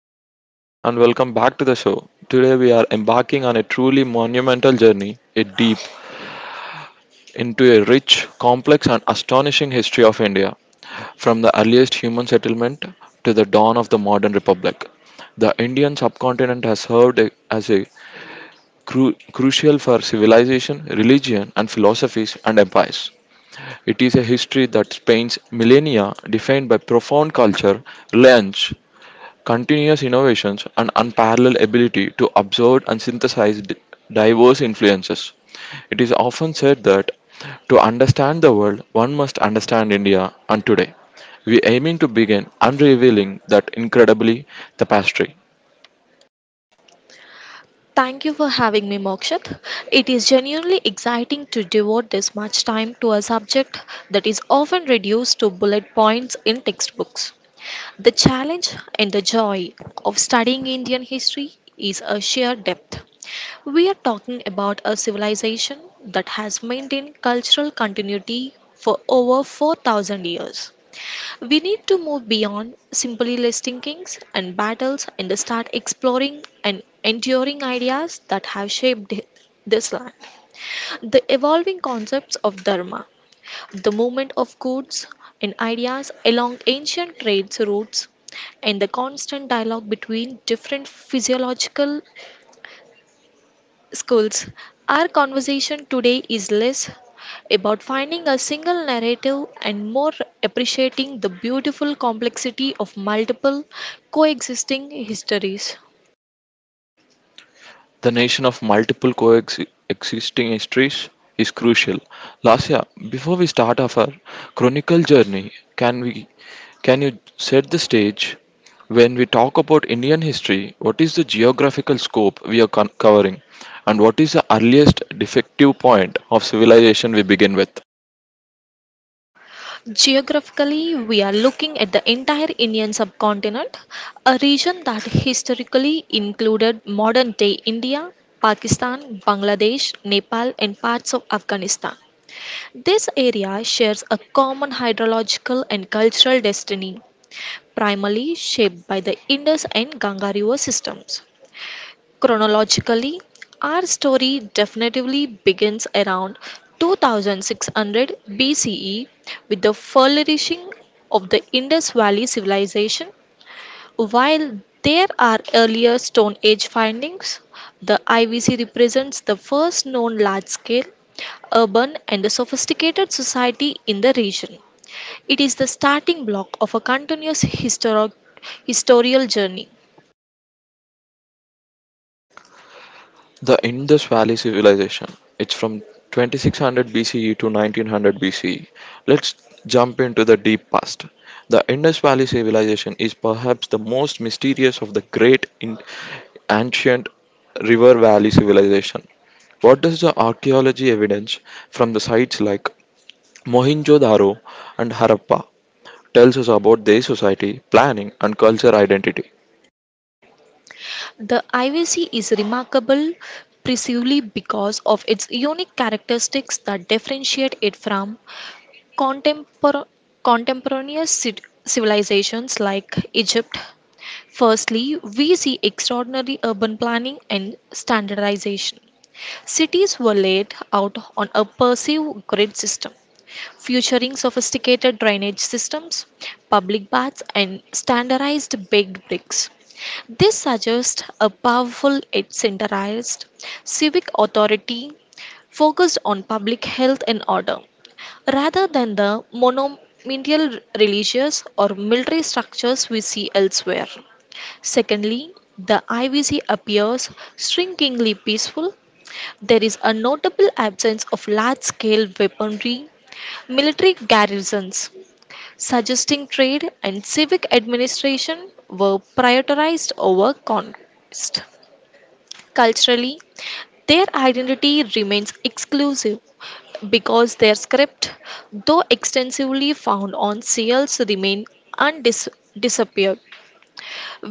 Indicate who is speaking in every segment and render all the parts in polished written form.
Speaker 1: Hello, everyone, and welcome back to the show. Today, we are embarking on a truly monumental journey, a deep into a rich, complex, and astonishing history of India. From the earliest human settlement to the dawn of the modern republic, the Indian subcontinent has served as a crucial for civilization, religion, and philosophies and empires. It is a history that spans millennia, defined by profound culture, reliance, continuous innovations, and unparalleled ability to observe and synthesize diverse influences. It is often said that to understand the world, one must understand India, and today we aiming to begin unrevealing that incredibly tapestry.
Speaker 2: Thank you for having me, Mokshit. It is genuinely exciting to devote this much time to a subject that is often reduced to bullet points in textbooks. The challenge and the joy of studying Indian history is a sheer depth. We are talking about a civilization that has maintained cultural continuity for over 4,000 years. We need to move beyond simply listing kings and battles and start exploring and enduring ideas that have shaped this land. The evolving concepts of Dharma, the movement of goods and ideas along ancient trade routes, and the constant dialogue between different physiological schools. Our conversation today is less about finding a single narrative and more appreciating the beautiful complexity of multiple coexisting histories.
Speaker 1: The nation of multiple coexisting histories is crucial. Lasya, before we start off our chronicle journey, can we can you set the stage? When we talk about Indian history, what is the geographical scope we are covering, and what is the earliest defective point of civilization we begin with?
Speaker 2: Geographically, we are looking at the entire Indian subcontinent, a region that historically included modern day India, Pakistan, Bangladesh, Nepal, and parts of Afghanistan. This area shares a common hydrological and cultural destiny, primarily shaped by the Indus and Ganga river systems. Chronologically, our story definitively begins around 2600 BCE with the flourishing of the Indus Valley civilization. While there are earlier Stone Age findings, the IVC represents the first known large scale urban and sophisticated society in the region. It is the starting block of a continuous historical journey.
Speaker 1: The Indus Valley Civilization. It's from 2600 BCE to 1900 BCE. Let's jump into the deep past. The Indus Valley Civilization is perhaps the most mysterious of the great ancient river valley civilization. What does the archaeology evidence from the sites like Mohenjo-daro and Harappa tells us about their society, planning and cultural identity?
Speaker 2: The IVC is remarkable precisely because of its unique characteristics that differentiate it from contempor- contemporaneous civilizations like Egypt. Firstly, we see extraordinary urban planning and standardization. Cities were laid out on a perceived grid system featuring sophisticated drainage systems, public baths, and standardized baked bricks. This suggests a powerful yet centralized civic authority focused on public health and order, rather than the monumental religious or military structures we see elsewhere. Secondly, the IVC appears strikingly peaceful. There is a notable absence of large scale weaponry, military garrisons, suggesting trade and civic administration were prioritized over conquest. Culturally, their identity remains exclusive because their script, though extensively found on seals, remain undis- disappeared.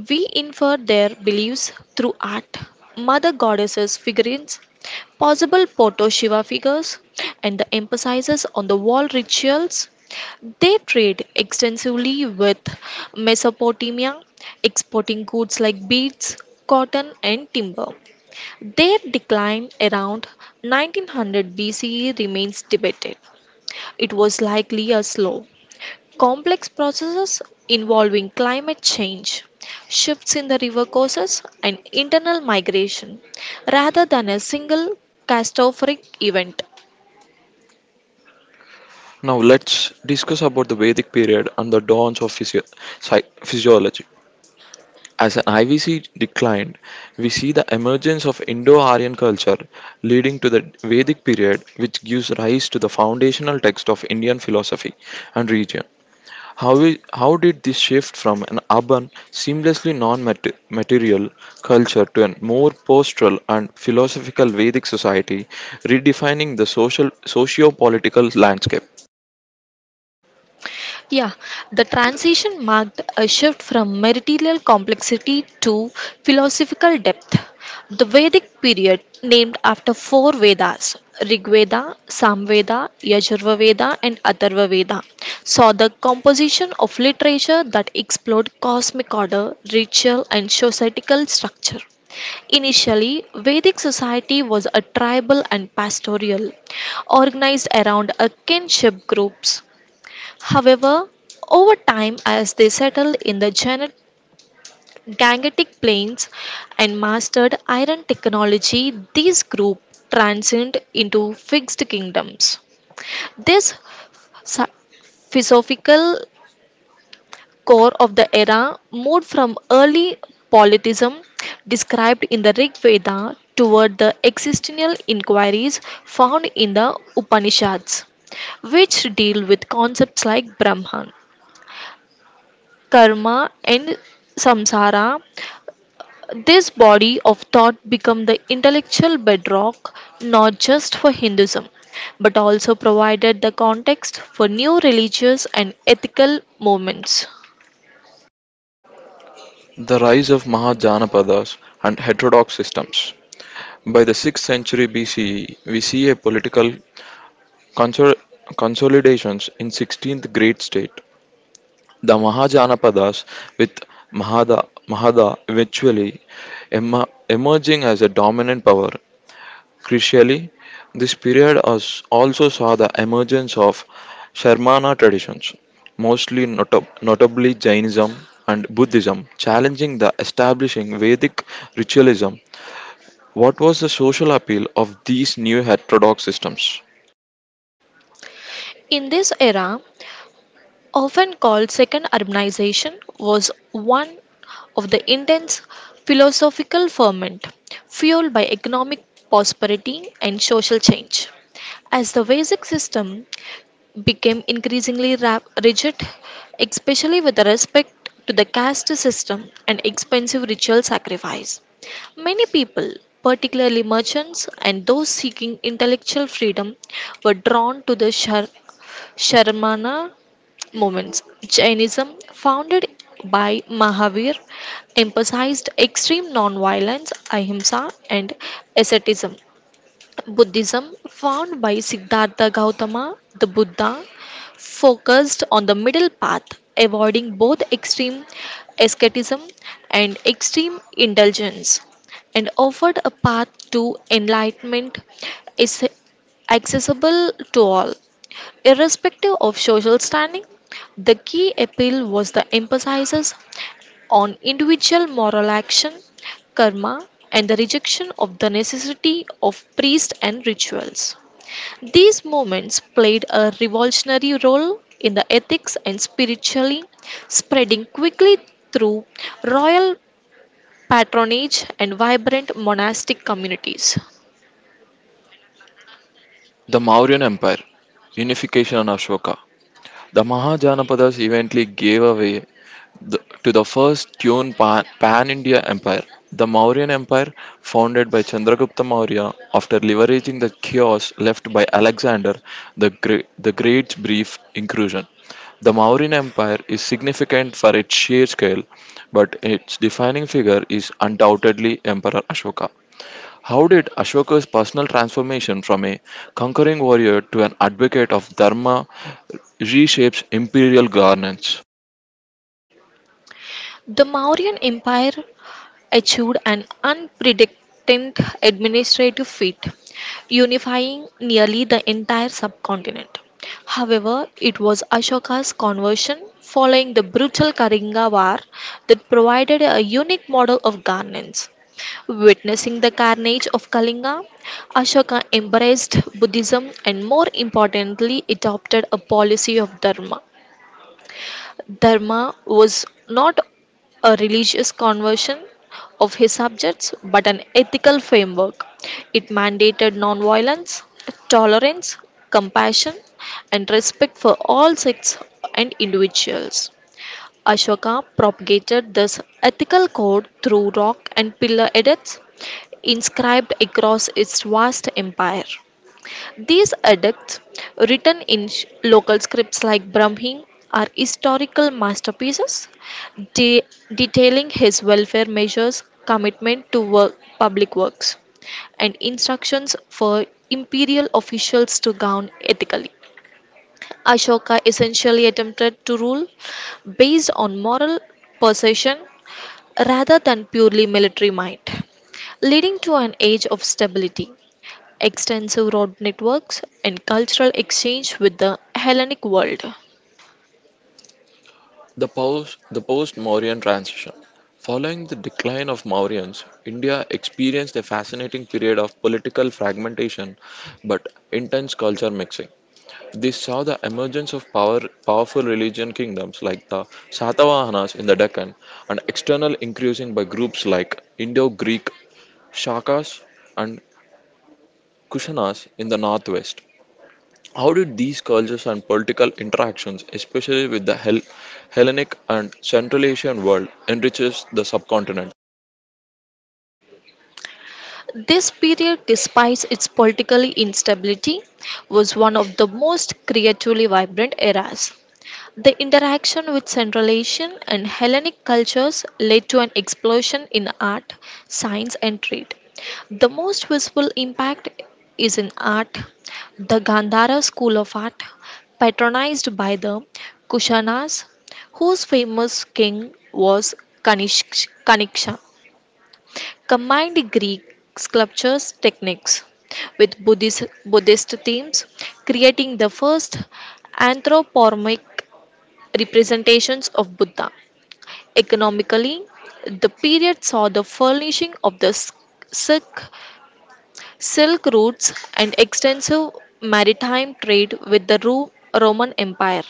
Speaker 2: We infer their beliefs through art, mother goddesses figurines, possible Poto Shiva figures, and the emphasis on the wall rituals. They trade extensively with Mesopotamia, exporting goods like beads, cotton, and timber. Their decline around 1900 BCE remains debated. It was likely a slow, complex processes involving climate change, shifts in the river courses, and internal migration, rather than a single catastrophic event.
Speaker 1: Now let's discuss about the Vedic period and the dawns of physiology. As an IVC declined, we see the emergence of Indo-Aryan culture leading to the Vedic period which gives rise to the foundational text of Indian philosophy and region. How did this shift from an urban, seamlessly non-material culture to a more postural and philosophical Vedic society, redefining the social socio-political landscape?
Speaker 2: Yeah, the transition marked a shift from material complexity to philosophical depth. The Vedic period, named after four Vedas Rig Veda, Samveda, Yajurveda Veda, and Atharva Veda, saw the composition of literature that explored cosmic order, ritual, and societal structure. Initially, Vedic society was a tribal and pastoral, organized around a kinship groups. However, over time, as they settled in the Gangetic Plains and mastered iron technology, these groups transcended into fixed kingdoms. This sa- philosophical core of the era moved from early politism described in the Rig Veda toward the existential inquiries found in the Upanishads, which deal with concepts like Brahman, karma, and samsara. This body of thought become the intellectual bedrock not just for Hinduism but also provided the context for new religious and ethical movements.
Speaker 1: The rise of Mahajanapadas and heterodox systems. By the 6th century BCE, we see a political consol- consolidations in 16th great state. The Mahajanapadas with Mahada eventually emerging as a dominant power. Crucially, this period also saw the emergence of Sharmana traditions, mostly notably Jainism and Buddhism, challenging the establishing Vedic ritualism. What was the social appeal of these new heterodox systems?
Speaker 2: In this era, often called second urbanization, was one of the intense philosophical ferment fueled by economic prosperity and social change. As the Vedic system became increasingly rigid, especially with respect to the caste system and expensive ritual sacrifice. Many people, particularly merchants and those seeking intellectual freedom, were drawn to the Sharmana movements. Jainism, founded by Mahavir, emphasized extreme non-violence, ahimsa, and asceticism. Buddhism, found by Siddhartha Gautama, the Buddha, focused on the middle path, avoiding both extreme asceticism and extreme indulgence, and offered a path to enlightenment is accessible to all, irrespective of social standing. The key appeal was the emphasis on individual moral action, karma, and the rejection of the necessity of priests and rituals. These movements played a revolutionary role in the ethics and spirituality, spreading quickly through royal patronage and vibrant monastic communities.
Speaker 1: The Mauryan Empire, unification and Ashoka. The Mahajanapadas eventually gave away to the first tune pan India empire, the Mauryan Empire, founded by Chandragupta Maurya after leveraging the chaos left by Alexander the Great's brief incursion. The Mauryan Empire is significant for its sheer scale, but its defining figure is undoubtedly Emperor Ashoka. How did Ashoka's personal transformation from a conquering warrior to an advocate of Dharma reshapes imperial governance?
Speaker 2: The Mauryan Empire achieved an unprecedented administrative feat, unifying nearly the entire subcontinent. However, it was Ashoka's conversion following the brutal Kalinga War that provided a unique model of governance. Witnessing the carnage of Kalinga, Ashoka embraced Buddhism and more importantly adopted a policy of dharma. Dharma was not a religious conversion of his subjects but an ethical framework. It mandated nonviolence, tolerance, compassion, and respect for all sects and individuals. Ashoka propagated this ethical code through rock and pillar edicts inscribed across its vast empire. These edicts, written in local scripts like Brahmi, are historical masterpieces de- detailing his welfare measures, commitment to work, public works, and instructions for imperial officials to govern ethically. Ashoka essentially attempted to rule based on moral persuasion rather than purely military might, leading to an age of stability, extensive road networks, and cultural exchange with the Hellenic world.
Speaker 1: The post-Mauryan transition. Following the decline of Mauryans, India experienced a fascinating period of political fragmentation but intense culture mixing. This saw the emergence of powerful religion kingdoms like the Satavahanas in the Deccan and external increasing by groups like Indo-Greek Shakas and Kushanas in the northwest. How did these cultures and political interactions, especially with the Hellenic and Central Asian world, enriches the subcontinent?
Speaker 2: This period, despite its political instability, was one of the most creatively vibrant eras. The interaction with Central Asian and Hellenic cultures led to an explosion in art, science, and trade. The most visible impact is in art. The Gandhara school of art, patronized by the Kushanas, whose famous king was Kaniksha, combined Greek sculptures techniques with Buddhist themes, creating the first anthropomorphic representations of Buddha. Economically, the period saw the furnishing of the silk, silk routes and extensive maritime trade with the Roman Empire.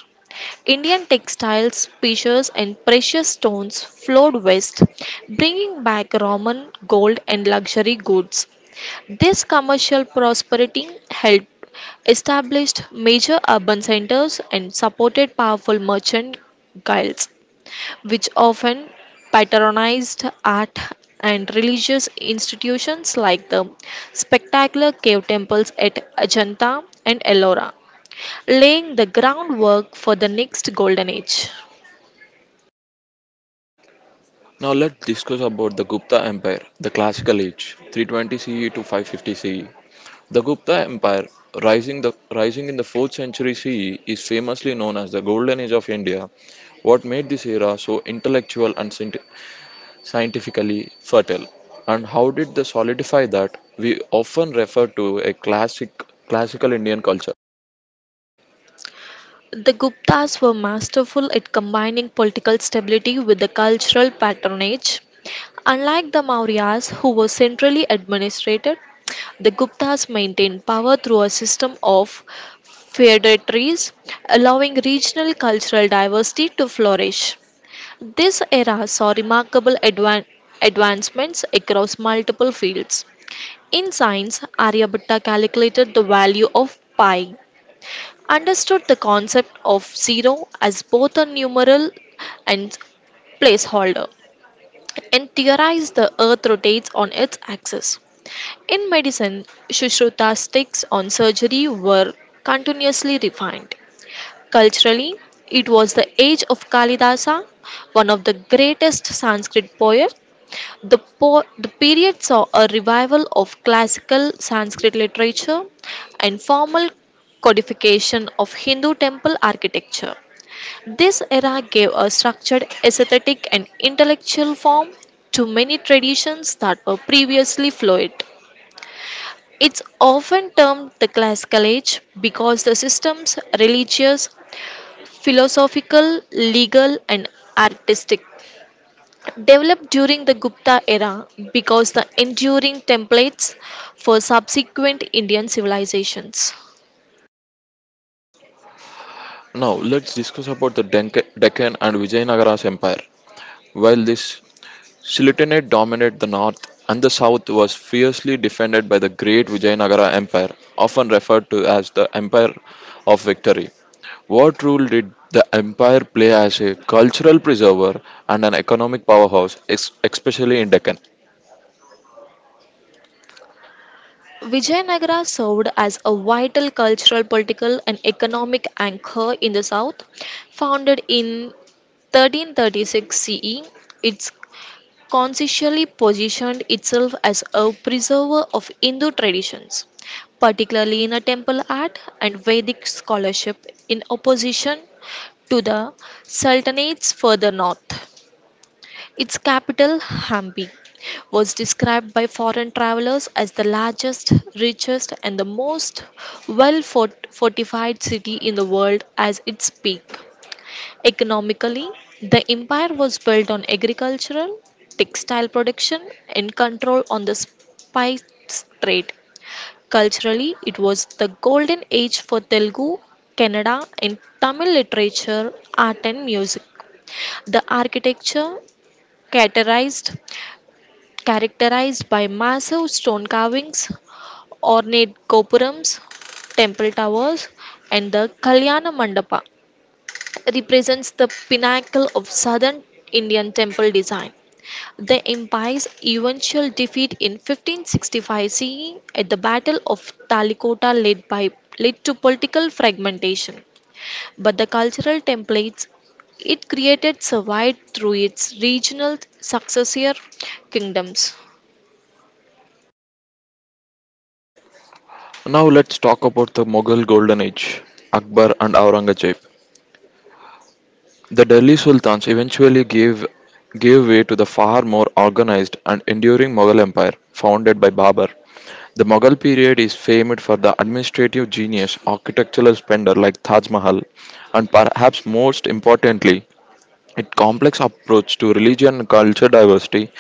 Speaker 2: Indian textiles, fishes, and precious stones flowed west, bringing back Roman gold and luxury goods. This commercial prosperity helped establish major urban centers and supported powerful merchant guilds, which often patronized art and religious institutions like the spectacular cave temples at Ajanta and Ellora laying the groundwork for the next golden age.
Speaker 1: Now let's discuss about the Gupta Empire, the classical age, 320 CE to 550 CE. The Gupta Empire, rising in the 4th century CE, is famously known as the Golden Age of India. What made this era so intellectual and scientifically fertile? And how did they solidify that? We often refer to a classical Indian culture.
Speaker 2: The Guptas were masterful at combining political stability with the cultural patronage. Unlike the Mauryas, who were centrally administrated, the Guptas maintained power through a system of feudatories, allowing regional cultural diversity to flourish. This era saw remarkable advancements across multiple fields. In science, Aryabhatta calculated the value of pi, understood the concept of zero as both a numeral and placeholder, and theorized the earth rotates on its axis. In medicine, Sushrutas' takes on surgery were continuously refined. Culturally, it was the age of Kalidasa, one of the greatest Sanskrit poets. The period saw a revival of classical Sanskrit literature and formal codification of Hindu temple architecture. This era gave a structured aesthetic and intellectual form to many traditions that were previously fluid. It's often termed the classical age because the system's religious, philosophical, legal, and artistic developed during the Gupta era because the enduring templates for subsequent Indian civilizations.
Speaker 1: Now let's discuss about the Deccan and Vijayanagara's empire. While this Sultanate dominated the north and the south was fiercely defended by the great Vijayanagara empire, often referred to as the empire of victory. What role did the empire play as a cultural preserver and an economic powerhouse, especially in Deccan?
Speaker 2: Vijayanagara served as a vital cultural, political, and economic anchor in the south. Founded in 1336 CE, its consciously positioned itself as a preserver of Hindu traditions, particularly in a temple art and Vedic scholarship, in opposition to the Sultanates further north. Its capital, Hampi, was described by foreign travelers as the largest, richest, and the most fortified city in the world as its peak. Economically, the empire was built on agricultural, textile production, and control on the spice trade. Culturally, it was the golden age for Telugu, Kannada, and Tamil literature, art, and music. The architecture characterized characterized by massive stone carvings, ornate gopurams, temple towers, and the Kalyana Mandapa represents the pinnacle of southern Indian temple design. The empire's eventual defeat in 1565 CE at the Battle of Talikota led to political fragmentation, but the cultural templates it created survived through its regional successor kingdoms.
Speaker 1: Now let's talk about the Mughal golden age, Akbar and Aurangzeb. The Delhi sultans eventually gave way to the far more organized and enduring Mughal empire founded by Babur. The Mughal period is famed for the administrative genius, architectural splendor like Taj Mahal, and perhaps most importantly, its complex approach to religion and culture diversity,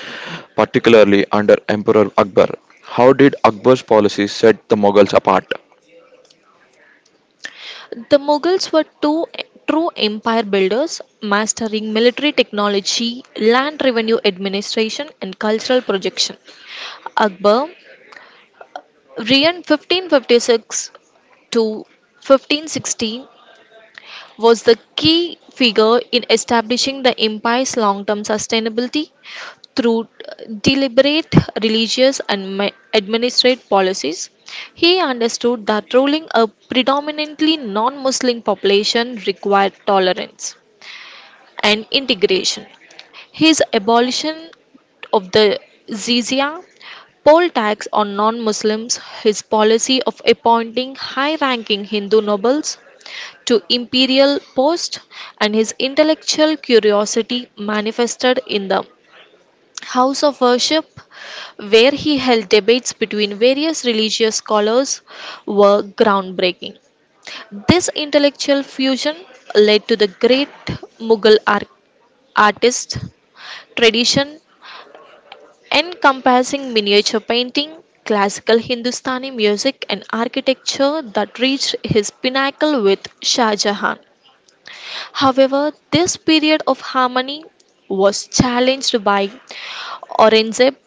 Speaker 1: particularly under Emperor Akbar. How did Akbar's policies set the Mughals apart?
Speaker 2: The Mughals were two true empire builders, mastering military technology, land revenue administration, and cultural projection. Akbar, reigned 1556 to 1560, was the key figure in establishing the empire's long-term sustainability through deliberate religious and administrative policies. He understood that ruling a predominantly non-Muslim population required tolerance and integration. His abolition of the jizya poll tax on non-Muslims, his policy of appointing high-ranking Hindu nobles to imperial posts, and his intellectual curiosity manifested in the House of Worship, where he held debates between various religious scholars, were groundbreaking. This intellectual fusion led to the great Mughal artist tradition encompassing miniature painting, classical Hindustani music, and architecture that reached his pinnacle with Shah Jahan. However, this period of harmony was challenged by Aurangzeb,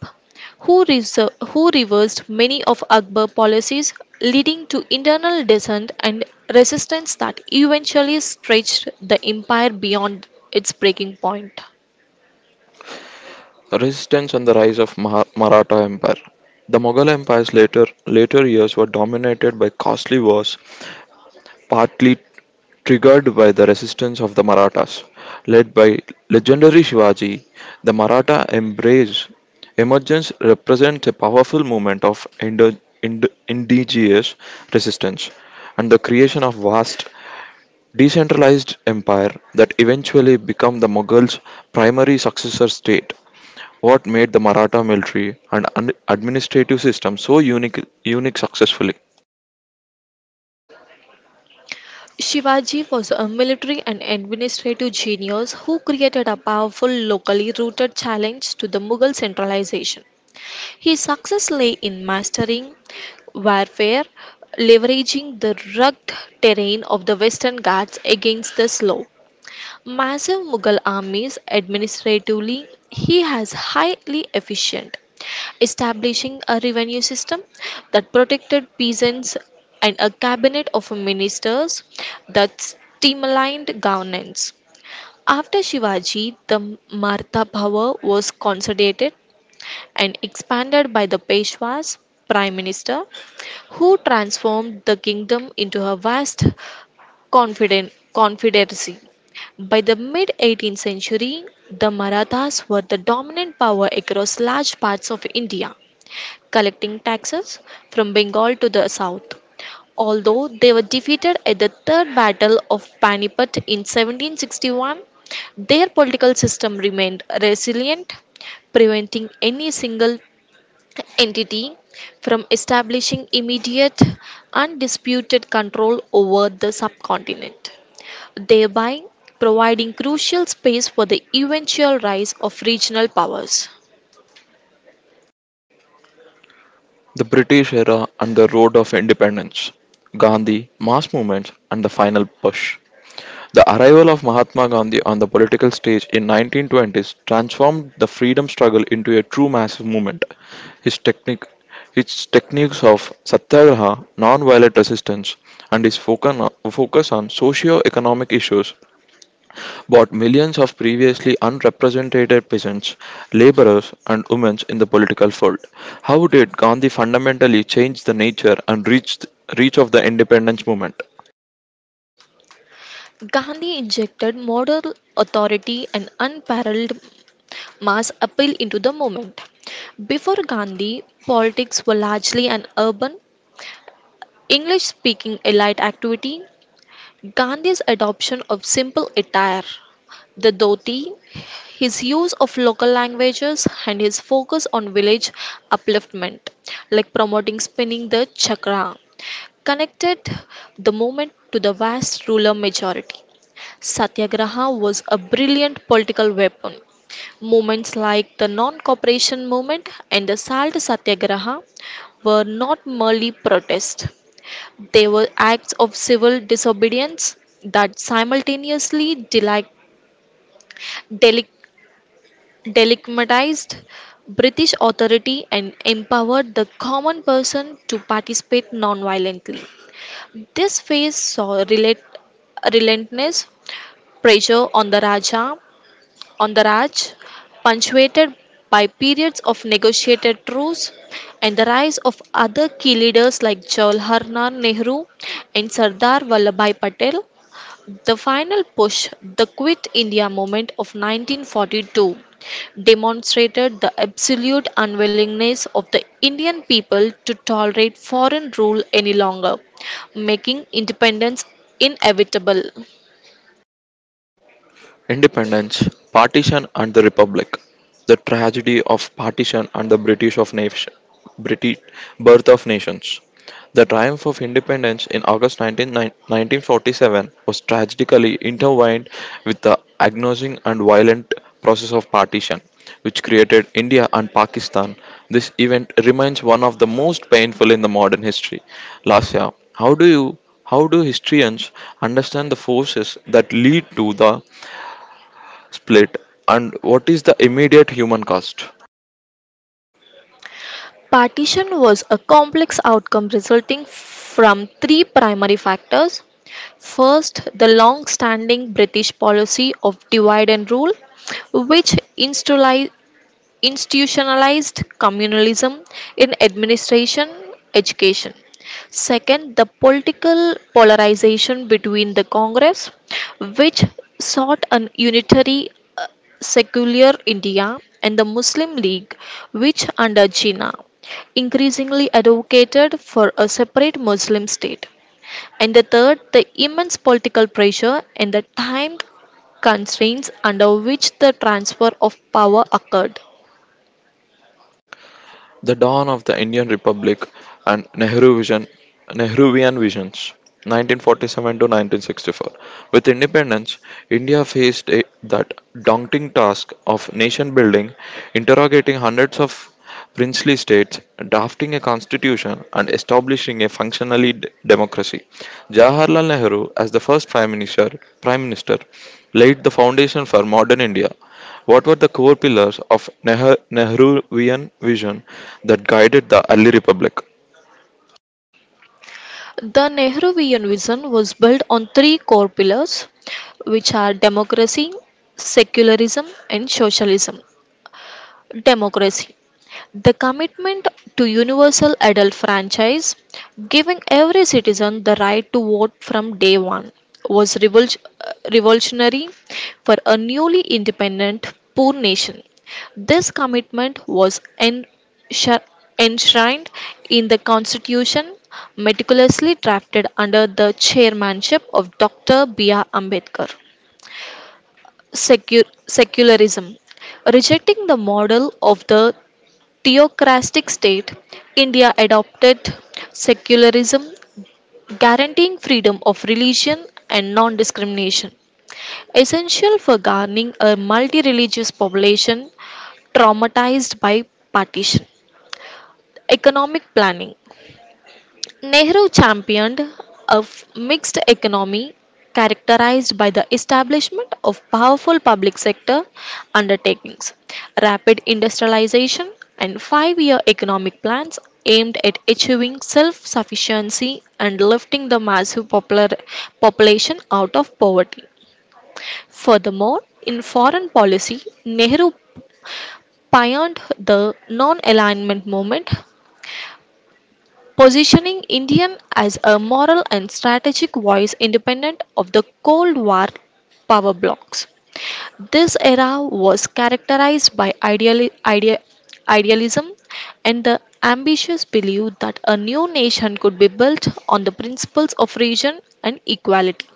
Speaker 2: who reversed many of Akbar's policies, leading to internal dissent and resistance that eventually stretched the empire beyond its breaking point.
Speaker 1: Resistance and the rise of Maratha Empire. The Mughal Empire's later years were dominated by costly wars, partly triggered by the resistance of the Marathas. Led by legendary Shivaji, the Maratha embrace emergence represents a powerful movement of indigenous resistance and the creation of vast decentralized empire that eventually become the Mughals' primary successor state. What made the Maratha military and administrative system so unique successfully?
Speaker 2: Shivaji was a military and administrative genius who created a powerful, locally rooted challenge to the Mughal centralization. His success lay in mastering warfare, leveraging the rugged terrain of the Western Ghats against the slow, massive Mughal armies. Administratively, he was highly efficient, establishing a revenue system that protected peasants and a cabinet of ministers that streamlined governance. After Shivaji, the Maratha power was consolidated and expanded by the Peshwa's prime minister, who transformed the kingdom into a vast confederacy. By the mid 18th century, the Marathas were the dominant power across large parts of India collecting taxes from Bengal to the south. Although they were defeated at the Third Battle of Panipat in 1761, their political system remained resilient, preventing any single entity from establishing immediate, undisputed control over the subcontinent, thereby providing crucial space for the eventual rise of regional powers.
Speaker 1: The British era and the road of independence, Gandhi, mass movements, and the final push. The arrival of Mahatma Gandhi on the political stage in 1920s transformed the freedom struggle into a true massive movement. His technique its techniques of satyagraha, non-violent resistance, and his focus on socio-economic issues brought millions of previously unrepresented peasants, laborers, and women in the political fold. How did Gandhi fundamentally change the nature and reach of the independence movement?
Speaker 2: Gandhi injected moral authority and unparalleled mass appeal into the movement. Before Gandhi, politics were largely an urban, English speaking elite activity. Gandhi's adoption of simple attire, the dhoti, his use of local languages, and his focus on village upliftment, like promoting spinning the chakra, connected the movement to the vast ruler majority. Satyagraha was a brilliant political weapon. Movements like the non cooperation movement and the Salt Satyagraha were not merely protests, they were acts of civil disobedience that simultaneously deli- delegitimized British authority and empowered the common person to participate non violently. This phase saw relentless pressure on the Raja on the Raj, punctuated by periods of negotiated truce and the rise of other key leaders like Jawaharlal Nehru and Sardar Vallabhbhai Patel, the final push, the Quit India movement of 1942, demonstrated the absolute unwillingness of the Indian people to tolerate foreign rule any longer, making independence inevitable.
Speaker 1: Independence, Partition and the Republic. The tragedy of partition and the British birth of nations. The triumph of independence in August 19, 1947 was tragically intertwined with the agonizing and violent process of partition, which created India and Pakistan. This event remains one of the most painful in the modern history. Lasya, how do historians understand the forces that lead to the split and what is the immediate human cost?
Speaker 2: Partition was a complex outcome resulting from three primary factors. First, the long standing British policy of divide and rule, which institutionalized communalism in administration, education. Second, the political polarization between the Congress, which sought an unitary secular India and the Muslim League, which under Jinnah increasingly advocated for a separate Muslim state. And the third, the immense political pressure and the time constraints under which the transfer of power occurred.
Speaker 1: The dawn of the Indian Republic and Nehruvian visions, 1947 to 1964. With independence, India faced that daunting task of nation building, interrogating hundreds of princely states, drafting a constitution, and establishing a functionally democracy. Jawaharlal Nehru, as the first prime minister, laid the foundation for modern India. What were the core pillars of Nehruvian vision that guided the early republic?
Speaker 2: The Nehruvian vision was built on three core pillars, which are democracy, secularism, and socialism. Democracy. The commitment to universal adult franchise, giving every citizen the right to vote from day one, was revolutionary for a newly independent poor nation. This commitment was enshrined in the constitution meticulously drafted under the chairmanship of Dr. B.R. Ambedkar. Secularism, rejecting the model of the theocratic state, India adopted secularism, guaranteeing freedom of religion and non discrimination. Essential for governing a multi religious population traumatized by partition. Economic planning. Nehru championed a mixed economy characterized by the establishment of powerful public sector undertakings, rapid industrialization, and 5-year economic plans aimed at achieving self sufficiency and lifting the massive popular population out of poverty. Furthermore, in foreign policy, Nehru pioneered the non alignment movement, positioning India as a moral and strategic voice independent of the Cold War power blocs. This era was characterized by idealism and the ambitious belief that a new nation could be built on the principles of region and equality.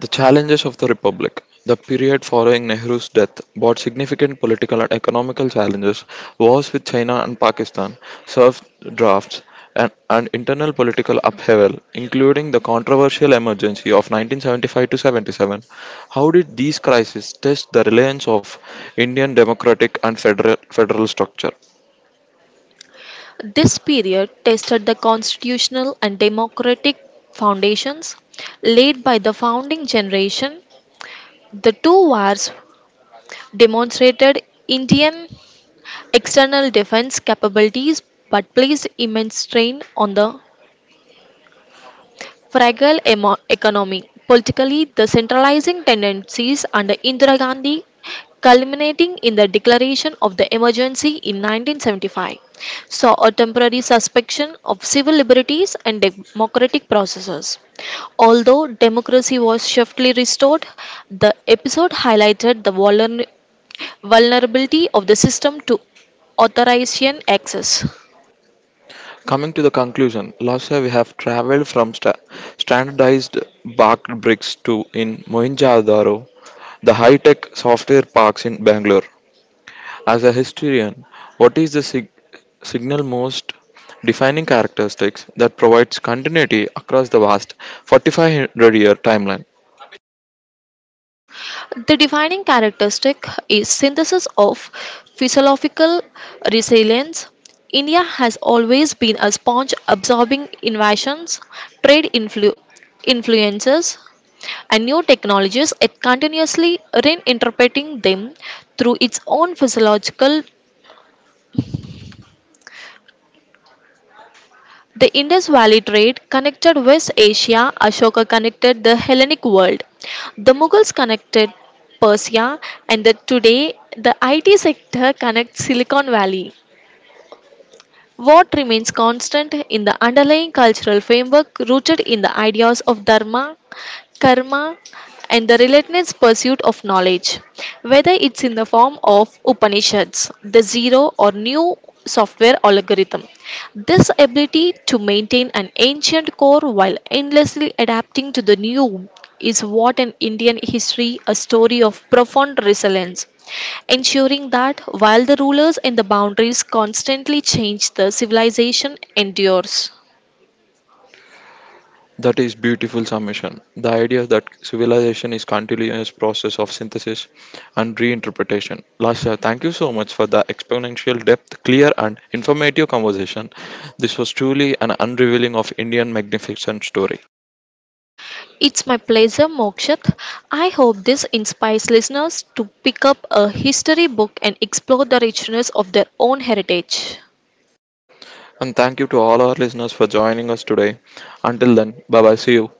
Speaker 1: The challenges of the republic. The period following Nehru's death brought significant political and economical challenges. Wars with China and Pakistan, serf drafts, and internal political upheaval, including the controversial emergency of 1975 to 77. How did these crises test the reliance of Indian democratic and federal structure?
Speaker 2: This period tested the constitutional and democratic foundations laid by the founding generation. The two wars demonstrated Indian external defense capabilities but placed immense strain on the fragile economy. Politically, the centralizing tendencies under Indira Gandhi culminating in the declaration of the emergency in 1975 saw a temporary suspension of civil liberties and democratic processes. Although democracy was swiftly restored, the episode highlighted the vulnerability of the system to authorization access.
Speaker 1: Coming to the conclusion, last year we have traveled from standardized bark bricks to in Mohenjo-daro, the high-tech software parks in Bangalore. As a historian, what is the signal most defining characteristics that provides continuity across the vast 4500-year timeline?
Speaker 2: The defining characteristic is synthesis of physiological resilience. India has always been a sponge absorbing innovations, trade influences, and new technologies. It continuously reinterpreting them through its own physiological. The Indus Valley trade connected West Asia, Ashoka connected the Hellenic world, the Mughals connected Persia, and today the IT sector connects Silicon Valley. What remains constant in the underlying cultural framework rooted in the ideas of dharma, karma, and the relentless pursuit of knowledge, whether it's in the form of Upanishads, the zero or new software algorithm, this ability to maintain an ancient core while endlessly adapting to the new is what an Indian history a story of profound resilience, ensuring that while the rulers and the boundaries constantly change, the civilization endures.
Speaker 1: That is beautiful summation. The idea that civilization is continuous process of synthesis and reinterpretation. Lasha, thank you so much for the exponential depth, clear and informative conversation. This was truly an unrevealing of Indian magnificent story.
Speaker 2: It's my pleasure, Mokshat. I hope this inspires listeners to pick up a history book and explore the richness of their own heritage.
Speaker 1: And thank you to all our listeners for joining us today. Until then, bye bye. See you.